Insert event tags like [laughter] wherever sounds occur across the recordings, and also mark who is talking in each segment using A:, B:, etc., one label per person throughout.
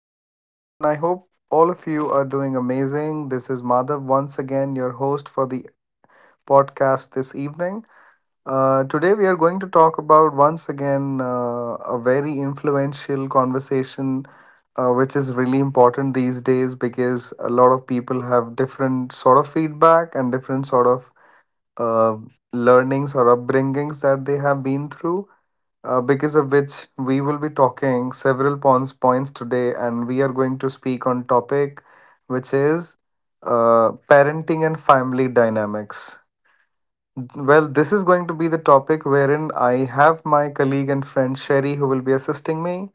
A: Hi everyone. I hope all of you are doing amazing. This is Madhav once again, your host for the podcast this evening. Today we are going to talk about once again a very influential conversation, which is really important these days because a lot of people have different sort of feedback and different sort of uh, learnings or upbringings that they have been through, because of which we will be talking several points today, and we are going to speak on topic which is parenting and family dynamics. Well, this is going to be the topic wherein I have my colleague and friend Sherry who will be assisting me.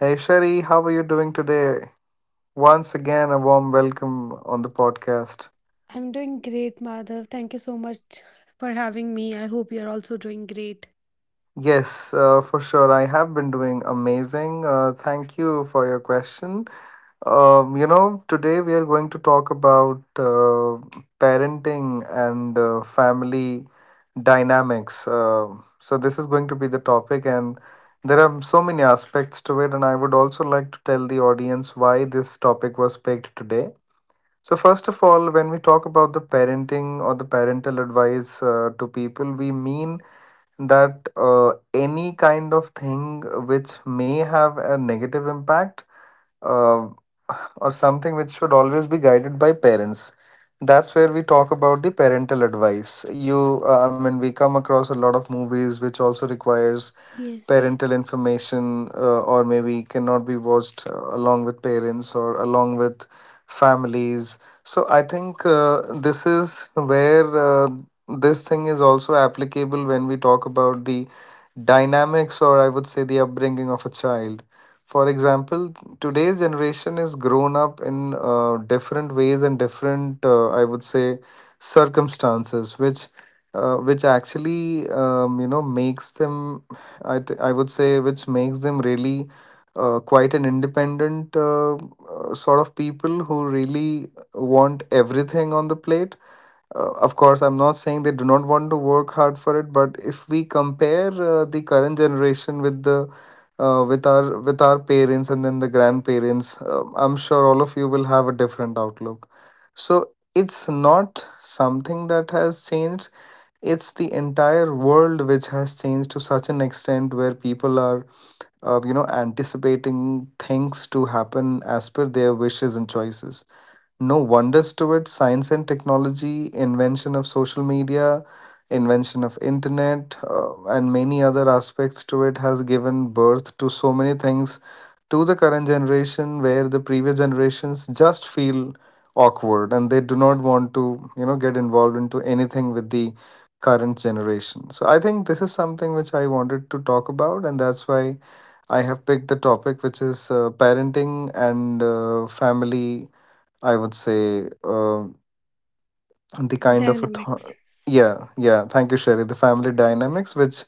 A: Hey Sherry, how are you doing today? Once again, a warm welcome on the podcast.
B: I'm doing great, Madhav. Thank you so much for having me. I hope you're also doing great.
A: Yes, for sure. I have been doing amazing. Thank you for your question. Today we are going to talk about parenting and family dynamics. So this is going to be the topic, and there are so many aspects to it. And I would also like to tell the audience why this topic was picked today. So first of all, when we talk about the parenting or the parental advice to people, we mean that any kind of thing which may have a negative impact, uh, or something which should always be guided by parents. That's where we talk about the parental advice. I mean, we come across a lot of movies which also requires
B: Yes.
A: parental information, or maybe cannot be watched along with parents or along with families. So I think this is where uh, this thing is also applicable when we talk about the dynamics, or I would say the upbringing of a child. For example, today's generation is grown up in different ways and different, I would say, circumstances, which actually, you know, makes them, I would say, which makes them really quite an independent sort of people who really want everything on the plate. Of course, I'm not saying they do not want to work hard for it, but if we compare the current generation with the with our parents and then the grandparents, I'm sure all of you will have a different outlook. So it's not something that has changed. It's the entire world which has changed to such an extent where people are, you know, anticipating things to happen as per their wishes and choices. No wonders to it. Science and technology, invention of social media, invention of internet, and many other aspects to it has given birth to so many things to the current generation, where the previous generations just feel awkward and they do not want to, you know, get involved into anything with the current generation. So I think this is something which I wanted to talk about, and that's why I have picked the topic which is parenting and family. I would say, the kind of a
B: Dynamics.
A: yeah, yeah, thank you Sherry, the family dynamics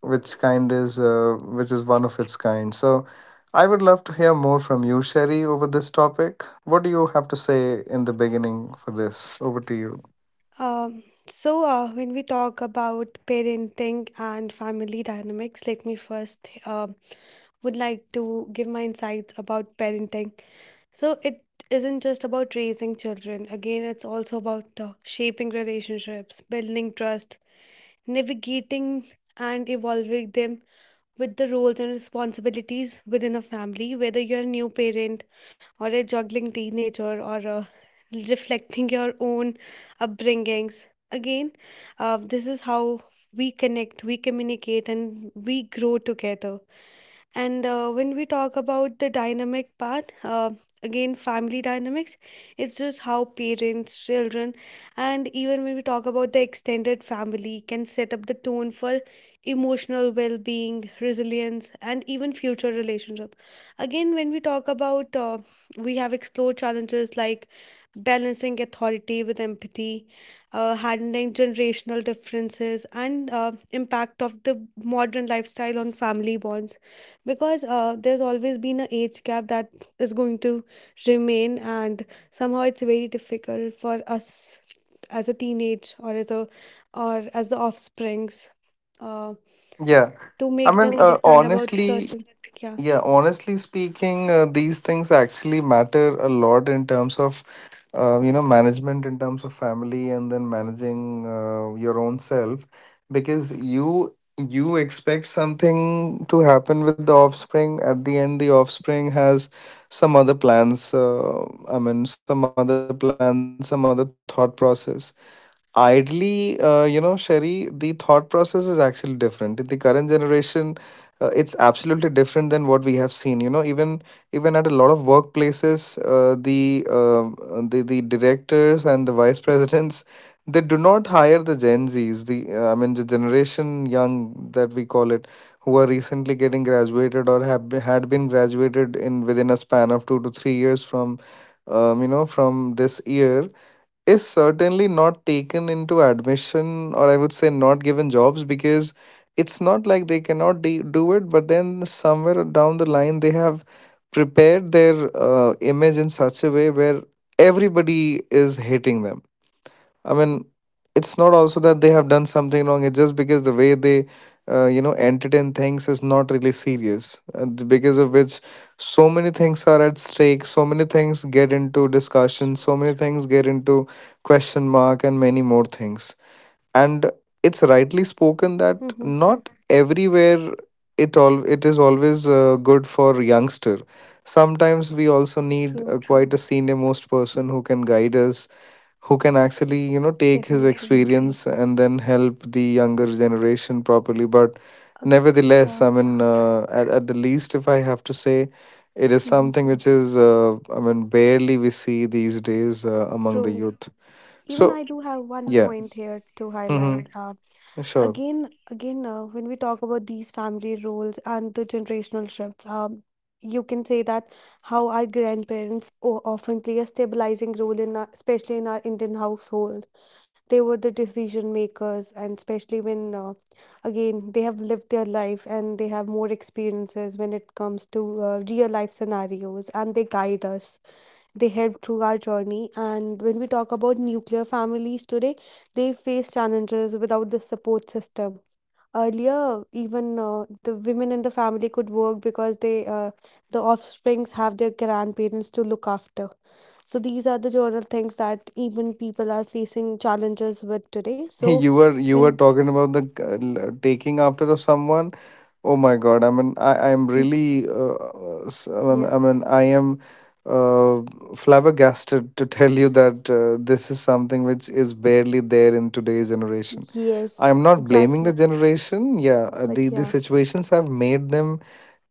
A: which kind is which is one of its kind. So I would love to hear more from you Sherry over this topic. What do you have to say in the beginning for this? Over to you.
B: Um, when we talk about parenting and family dynamics, let me first would like to give my insights about parenting. So, it isn't just about raising children. Again, it's also about shaping relationships, building trust, navigating and evolving them with the roles and responsibilities within a family. Whether you're a new parent or a juggling teenager or reflecting your own upbringings. Again, this is how we connect, we communicate, and we grow together. And when we talk about the dynamic part, again, family dynamics, it's just how parents, children, and even when we talk about the extended family can set up the tone for emotional well being, resilience, and even future relationship. Again, when we talk about, we have explored challenges like balancing authority with empathy, handling generational differences, and impact of the modern lifestyle on family bonds, because there's always been an age gap that is going to remain, and somehow it's very difficult for us as a teenage or as a or as the offsprings uh,
A: Yeah,
B: to
A: I
B: make them
A: mean,
B: understand about
A: honestly,
B: certain. Yeah.
A: yeah, honestly speaking, these things actually matter a lot in terms of you know, management in terms of family, and then managing your own self, because you expect something to happen with the offspring, at the end the offspring has some other plans. I mean, some other plans, some other thought process. Idly, you know, Sherry, the thought process is actually different. In the current generation, it's absolutely different than what we have seen. You know, even even at a lot of workplaces, the directors and the vice [laughs] presidents, they do not hire the Gen Zs. The I mean, the generation young that we call it, who are recently getting graduated or have been, had been graduated in within a span of 2 to 3 years from, you know, from this year is certainly not taken into admission, or I would say not given jobs, because it's not like they cannot do it, but then somewhere down the line they have prepared their image in such a way where everybody is hating them. I mean, it's not also that they have done something wrong. It's just because the way they, you know, entertain things is not really serious, and because of which so many things are at stake. So many things get into discussion. So
B: True.
A: many things get into question mark, and many more things. And it's rightly spoken that
B: Mm-hmm.
A: not everywhere it all it is always good for youngster. Sometimes we also need
B: True.
A: quite a senior most person who can guide us, who can actually, you know, take his
B: Definitely.
A: experience and then help the younger generation properly. But
B: uh,
A: nevertheless,
B: yeah.
A: I mean, at the least if I have to say, it is
B: Mm-hmm.
A: something which is I mean, barely we see these days among the
B: True.
A: youth.
B: Even
A: So
B: I do have one
A: yeah.
B: point here to
A: Mm-hmm.
B: highlight.
A: Sure.
B: Again, when we talk about these family roles and the generational shifts, you can say that how our grandparents often play a stabilizing role in our, especially in our Indian household, they were the decision makers, and especially when again, they have lived their life and they have more experiences when it comes to real life scenarios, and they guide us, they help through our journey. And when we talk about nuclear families today, they face challenges without the support system. Earlier, even the women in the family could work, because they, the offsprings have their grandparents to look after. So these are the general things that even people are facing challenges with today.
A: [laughs]
B: So.
A: You were
B: When
A: talking about the taking after of someone. Oh my God! I mean, I'm really
B: Yeah.
A: I mean, I am uh, flabbergasted to tell you that this is something which is barely there in today's generation. I
B: Yes,
A: am not blaming the
B: exactly.
A: generation. Yeah,
B: But
A: the
B: yeah.
A: situations have made them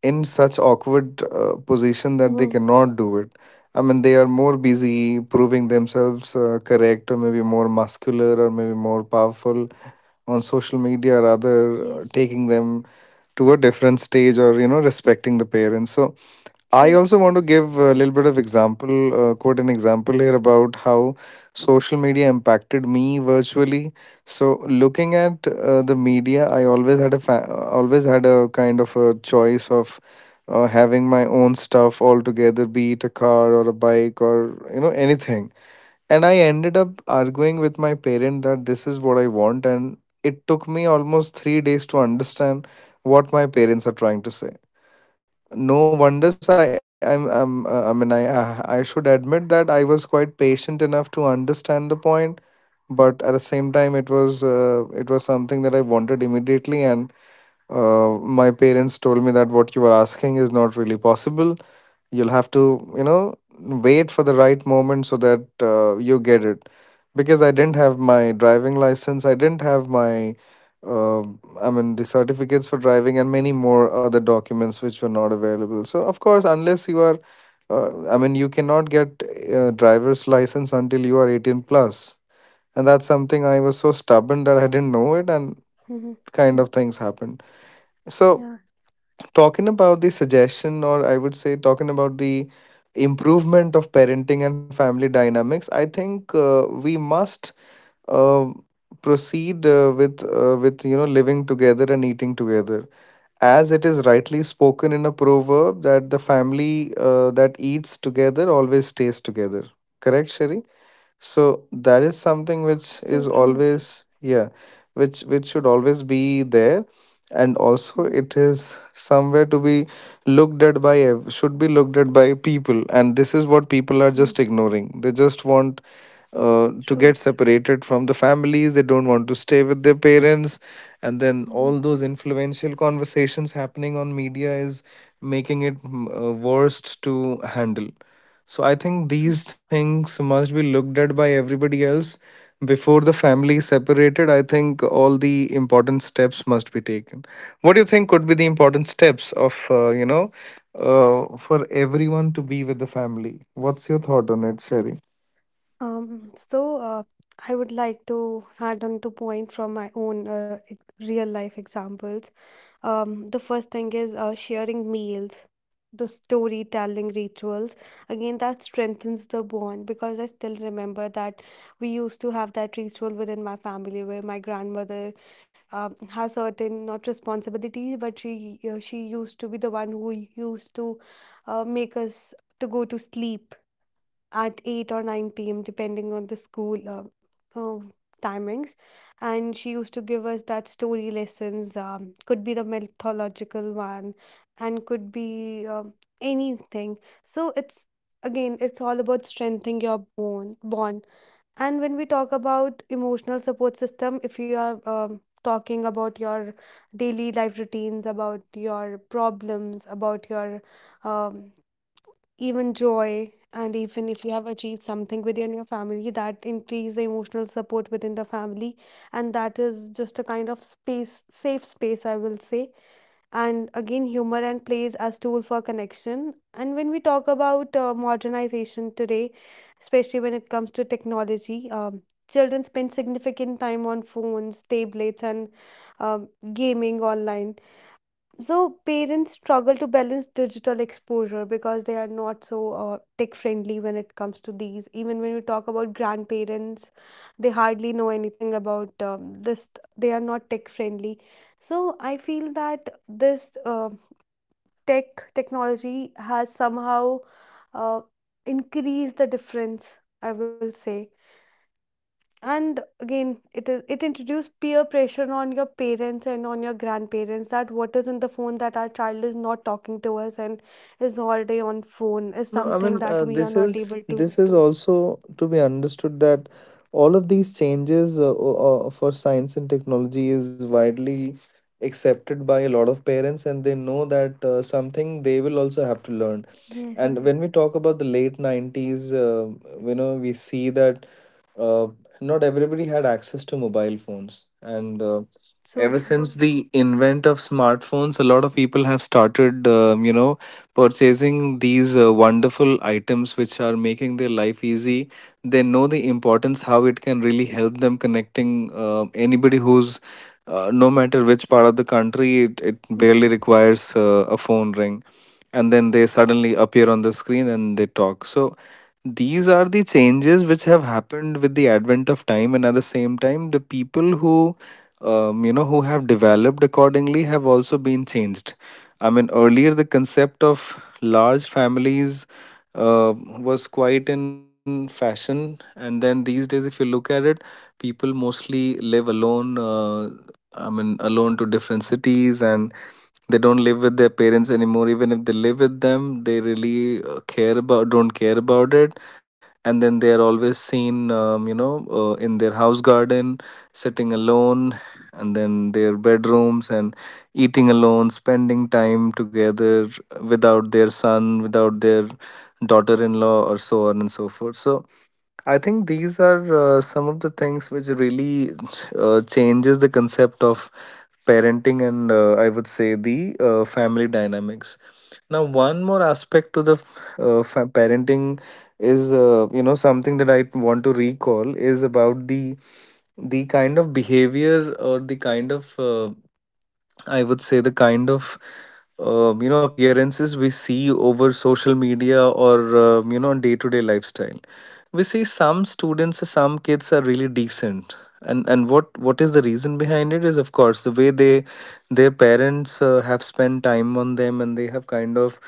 A: in such awkward position that they
B: Hmm.
A: cannot do it. I mean, they are more busy proving themselves correct, or maybe more muscular, or maybe more powerful on social media, rather
B: Yes,
A: taking them to a different stage, or you know, respecting the parents. So I
B: true.
A: also want to give a little bit of example, quote an example here about how social media impacted me virtually. So looking at the media, I always had a always had a kind of a choice of having my own stuff altogether, be it a car or a bike or you know, anything. And I ended up arguing with my parent that this is what I want, and it took me almost 3 days to understand what my parents are trying to say. No wonders, I'm I mean, I should admit that I was quite patient enough to understand the point, but at the same time it was something that I wanted immediately, and uh, my parents told me that what you are asking is not really possible. You'll have to, you know, wait for the right moment so that you get it, because I didn't have my driving license, I didn't have my uh, I mean, the certificates for driving and many more other documents which were not available. So of course, unless you are I mean, you cannot get a driver's license until you are 18 plus, and that's something I was so stubborn that I didn't know it, and
B: Hmm.
A: kind of things happened. So
B: Yeah,
A: talking about the suggestion, or I would say talking about the improvement of parenting and family dynamics, I think we must uh, proceed with, you know, living together and eating together, as it is rightly spoken in a proverb that the family that eats together always stays together. Correct Sherry? So that is something which
B: so
A: is
B: true.
A: always, yeah, which should always be there. And also
B: Hmm.
A: it is somewhere to be looked at by should be looked at by people, and this is what people are
B: Hmm.
A: just ignoring. They just want to get
B: True.
A: separated from the families. They don't want to stay with their parents, and then
B: Mhm.
A: all those influential conversations happening on media is making it worst to handle. So I think
B: True.
A: these things must be looked at by everybody else before the family separated. I think all the important steps must be taken. What do you think could be the important steps of you know, for everyone to be with the family? What's your thought on it, Sherry?
B: Um, so uh, I would like to add on to point from my own real life examples. The first thing is sharing meals, the storytelling rituals. Again, that strengthens the bond, because I still remember that we used to have that ritual within my family, where my grandmother, has certain not responsibilities, but she used to be the one who used to make us to go to sleep at 8 or 9 p.m., depending on the school uh, timings. And she used to give us that story lessons, could be the mythological one, and could be anything. So it's again, it's all about strengthening your bone bond. And when we talk about emotional support system, if you are talking about your daily life routines, about your problems, about your, um, even joy, and even if you have achieved something within your family, that increase the emotional support within the family, and that is just a kind of space safe space, I will say. And again, humor and plays as tool for connection. And when we talk about modernization today, especially when it comes to technology, children spend significant time on phones, tablets, and, um, gaming online. So parents struggle to balance digital exposure, because they are not so tech friendly when it comes to these. Even when we talk about grandparents, they hardly know anything about this. They are not tech friendly. So I feel that this, technology has somehow uh, increased the difference, I will say. And again, it introduced peer pressure on your parents and on your grandparents, that what is in the phone, that our child is not talking to us and is all day on phone, is
A: No, I
B: something
A: mean,
B: that
A: uh,
B: we are
A: this
B: not
A: is
B: able to.
A: this is also to be understood that all of these changes for science and technology is widely accepted by a lot of parents, and they know that something they will also have to learn. And
B: Yes.
A: when we talk about the late 90s, we see that uh, not everybody had access to mobile phones and
B: So
A: ever
B: true.
A: since the invent of smartphones, a lot of people have started purchasing these wonderful items which are making their life easy. They know the importance, how it can really help them connecting anybody who's no matter which part of the country. It barely
B: Mm-hmm.
A: requires a phone ring, and then they suddenly appear on the screen and they talk. So these are the changes which have happened with the advent of time, and at the same time, the people who, who have developed accordingly have also been changed. I mean, earlier the concept of large families was quite in fashion, and then these days, if you look at it, people mostly live alone. I mean, alone to different cities, and they don't live with their parents anymore. Even if they live with them, they really care about don't care about it, and then they are always seen in their house garden, sitting alone, and then their bedrooms, and eating alone, spending time together without their son, without their daughter-in-law, or so on and so forth. So I think these are some of the things which really changes the concept of parenting and I would say the family dynamics. Now, one more aspect to the parenting is, something that I want to recall is about the kind of behavior or the kind of I would say the kind of appearances we see over social media, or day to day lifestyle, we see some students or some kids are really decent. And what is the reason behind it is of course the way they their parents have spent time on them, and they have kind of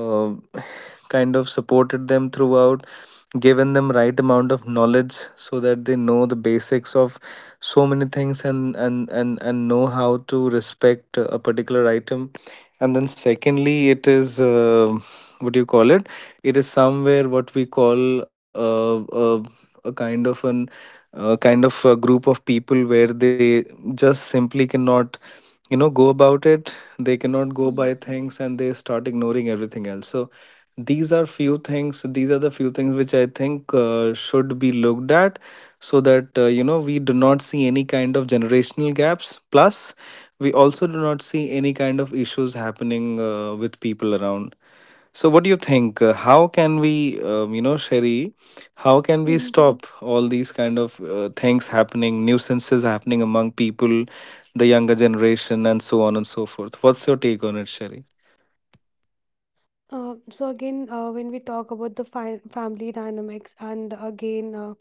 A: uh, [sighs] kind of supported them throughout, given them right amount of knowledge so that they know the basics of so many things, and know how to respect a particular item. And then secondly, it is, what do you call it, it is somewhere what we call, a kind of an kind of a group of people where they just simply cannot, you know, go about it, they cannot go by
B: Yes.
A: things, and they start ignoring everything else. So these are few things, these are the few things which I think should be looked at, so that we do not see any kind of generational gaps, plus we also do not see any kind of issues happening with people around. So, what do you think? How can we, Sherry, how can we
B: Mhm.
A: stop all these kind of things happening, nuisances happening among people, the younger generation, and so on and so forth? What's your take on it, Sherry?
B: So again, when we talk about the fi family dynamics, and again,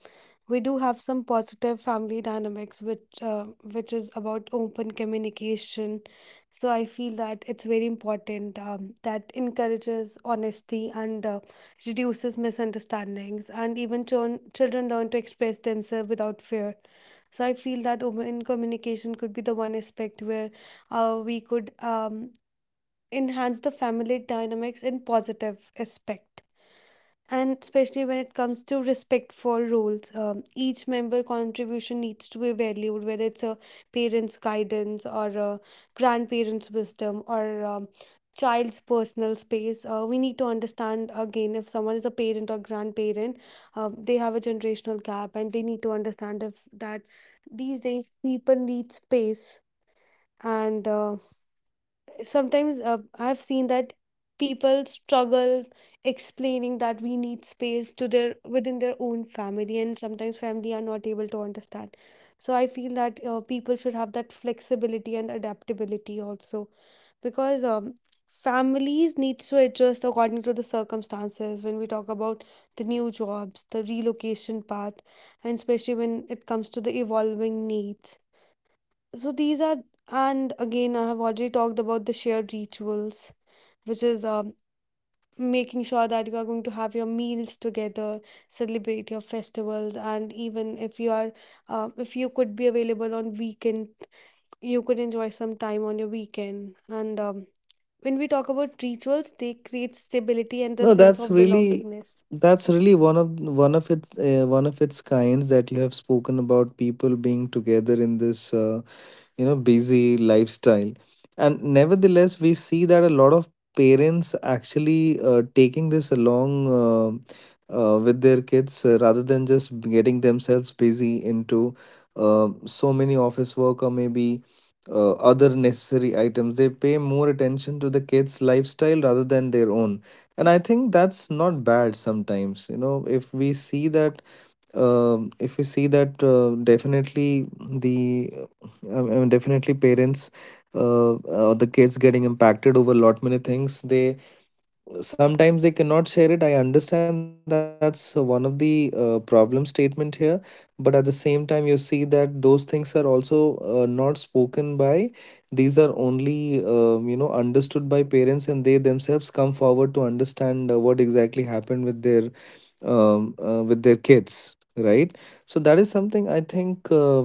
B: we do have some positive family dynamics, which is about open communication. So I feel that it's very important, that encourages honesty and reduces misunderstandings, and even children learn to express themselves without fear. So I feel that open communication could be the one aspect where we could enhance the family dynamics in positive aspect. And especially when it comes to respect for roles, each member contribution needs to be valued, whether it's a parents guidance, or a grandparents wisdom, or, child's personal space. We need to understand, again, if someone is a parent or grandparent, they have a generational gap and they need to understand if that these days people need space. And sometimes I've seen that people struggle explaining that we need space to their within their own family, and sometimes family are not able to understand. So I feel that people should have that flexibility and adaptability also, because families need to adjust according to the circumstances, when we talk about the new jobs, the relocation part, and especially when it comes to the evolving needs. So these are, and again, I have already talked about the shared rituals, which is, making sure that you are going to have your meals together, celebrate your festivals, and even if you could be available on weekend, you could enjoy some time on your weekend. And, when we talk about rituals, they create stability and a
A: No,
B: sense
A: that's
B: of
A: really,
B: belongingness.
A: that's really one of one of its kinds, that you have spoken about people being together in this busy lifestyle, and nevertheless we see that a lot of parents actually taking this along, with their kids, rather than just getting themselves busy into so many office work, or maybe other necessary items. They pay more attention to the kids lifestyle rather than their own, and I think that's not bad sometimes, you know, if we see that, definitely definitely parents, the kids getting impacted over a lot many things. They sometimes they cannot share it, I understand that's one of the problem statement here, but at the same time you see that those things are also not spoken by, these are only understood by parents, and they themselves come forward to understand what exactly happened with their kids, right? So that is something I think, uh,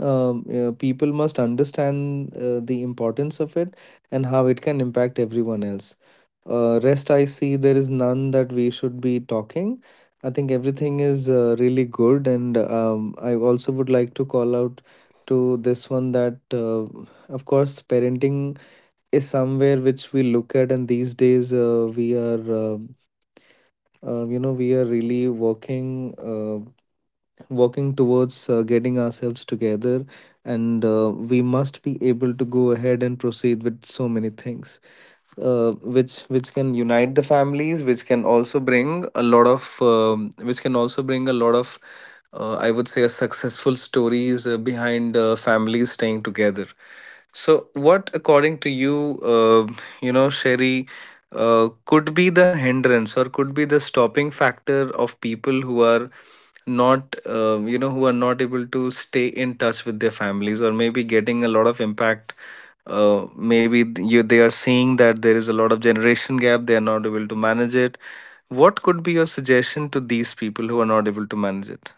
A: um, uh, people must understand the importance of it, and how it can impact everyone else. Rest, I see there is none that we should be talking. I think everything is really good, and I also would like to call out to this one that, of course, parenting is somewhere which we look at, and these days we are, we are really working. Working towards getting ourselves together, and we must be able to go ahead and proceed with so many things which can unite the families, which can also bring a lot of which can also bring a lot of I would say a successful stories behind families staying together. So what according to you, you know Sherry, could be the hindrance, or could be the stopping factor of people who are not, who are not able to stay in touch with their families, or maybe getting a lot of impact, maybe you they are seeing that there is a lot of generation gap, they are not able to manage it. What could be your suggestion to these people who are not able to manage it?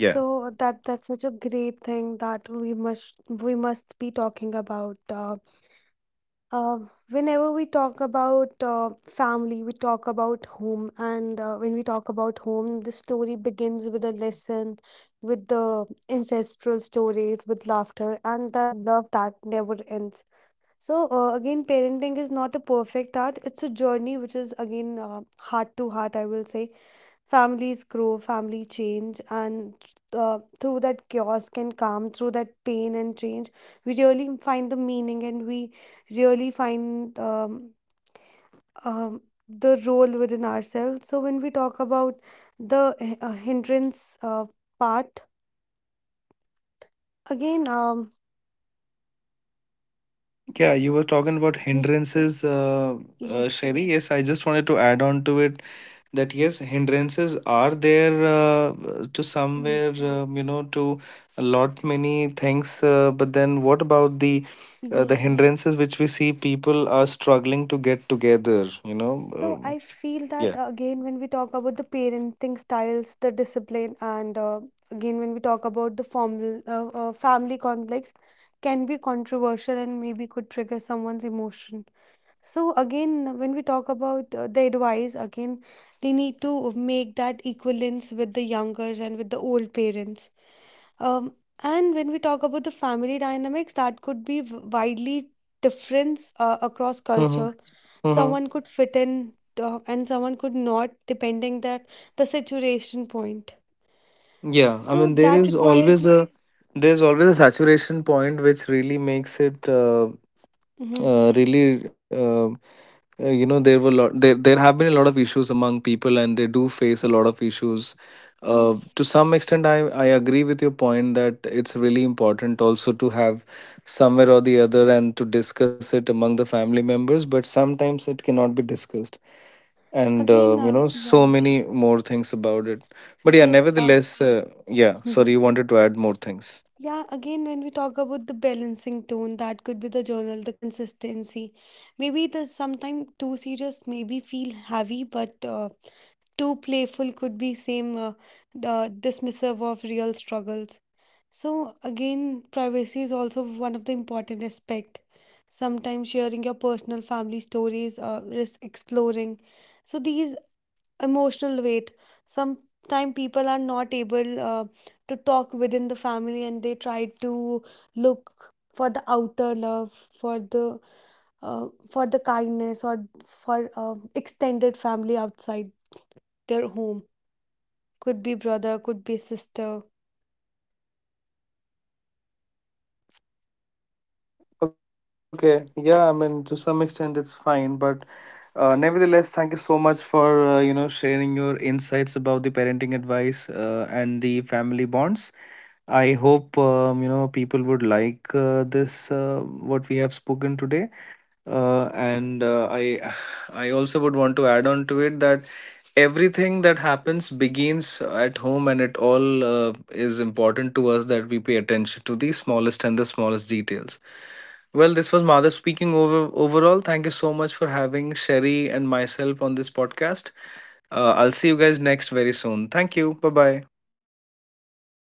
A: Yeah.
B: So that's such a great thing that we must be talking about. Uh, Whenever we talk about family, we talk about home. And when we talk about home, the story begins with a lesson, with the ancestral stories, with laughter, and the love that never ends. So, again, parenting is not a perfect art, it's a journey which is, again, heart to heart, I will say. Families grow, family change, and through that chaos can come, through that pain and change, we really find the meaning, and we really find, um, the role within ourselves. So, when we talk about the hindrance part, again.
A: Yeah, you were talking about
B: Yeah.
A: hindrances,
B: Yeah.
A: Sherry. Yes, I just wanted to add on to it, that yes, hindrances are there, to somewhere,
B: [clears throat]
A: to a lot many things, but then what about the
B: Yes.
A: hindrances which we see people are struggling to get together,
B: So I feel that,
A: yeah.
B: again, when we talk about the parenting styles, the discipline, and, again, when we talk about the formal family complex, can be controversial and maybe could trigger someone's emotion. So again, when we talk about the advice, again, they need to make that equivalence with the younger and with the old parents. Um, and when we talk about the family dynamics, that could be widely different across
A: Mm-hmm.
B: culture.
A: Mm-hmm.
B: Someone could fit in and someone could not, depending that the situation point.
A: Yeah, I
B: So
A: mean,
B: that requires.
A: there's always a saturation point which really makes it,
B: Mhm.
A: really there have been a lot of issues among people, and they do face a lot of issues,
B: Yes.
A: to some extent I agree with your point, that it's really important also to have somewhere or the other and to discuss it among the family members, but sometimes it cannot be discussed. And
B: Again.
A: so
B: Yeah.
A: many more things about it, but yeah,
B: Yes.
A: nevertheless, yeah, sorry,
B: [laughs]
A: you wanted to add more things.
B: Yeah. Again, when we talk about the balancing tone, that could be the journal, the consistency. Maybe the sometimes too serious, maybe feel heavy, but. Too playful could be same, dismissive of real struggles. So again, privacy is also one of the important aspect. Sometimes sharing your personal family stories risk exploring. So these emotional weight, sometimes people are not able, to talk within the family, and they try to look for the outer love, for the, for the kindness, or for extended family outside their home, could be brother, could be sister.
A: Okay, yeah, I mean, to some extent it's fine, but nevertheless, thank you so much for sharing your insights about the parenting advice and the family bonds. I hope people would like this what we have spoken today, and I [sighs] I also would want to add on to it that everything that happens begins at home, and it all is important to us that we pay attention to the smallest and the smallest details. Well, this was Madhav speaking overall. Thank you so much for having Sherry and myself on this podcast. I'll see you guys next very soon. Thank you. Bye bye.
B: Thank you, everyone.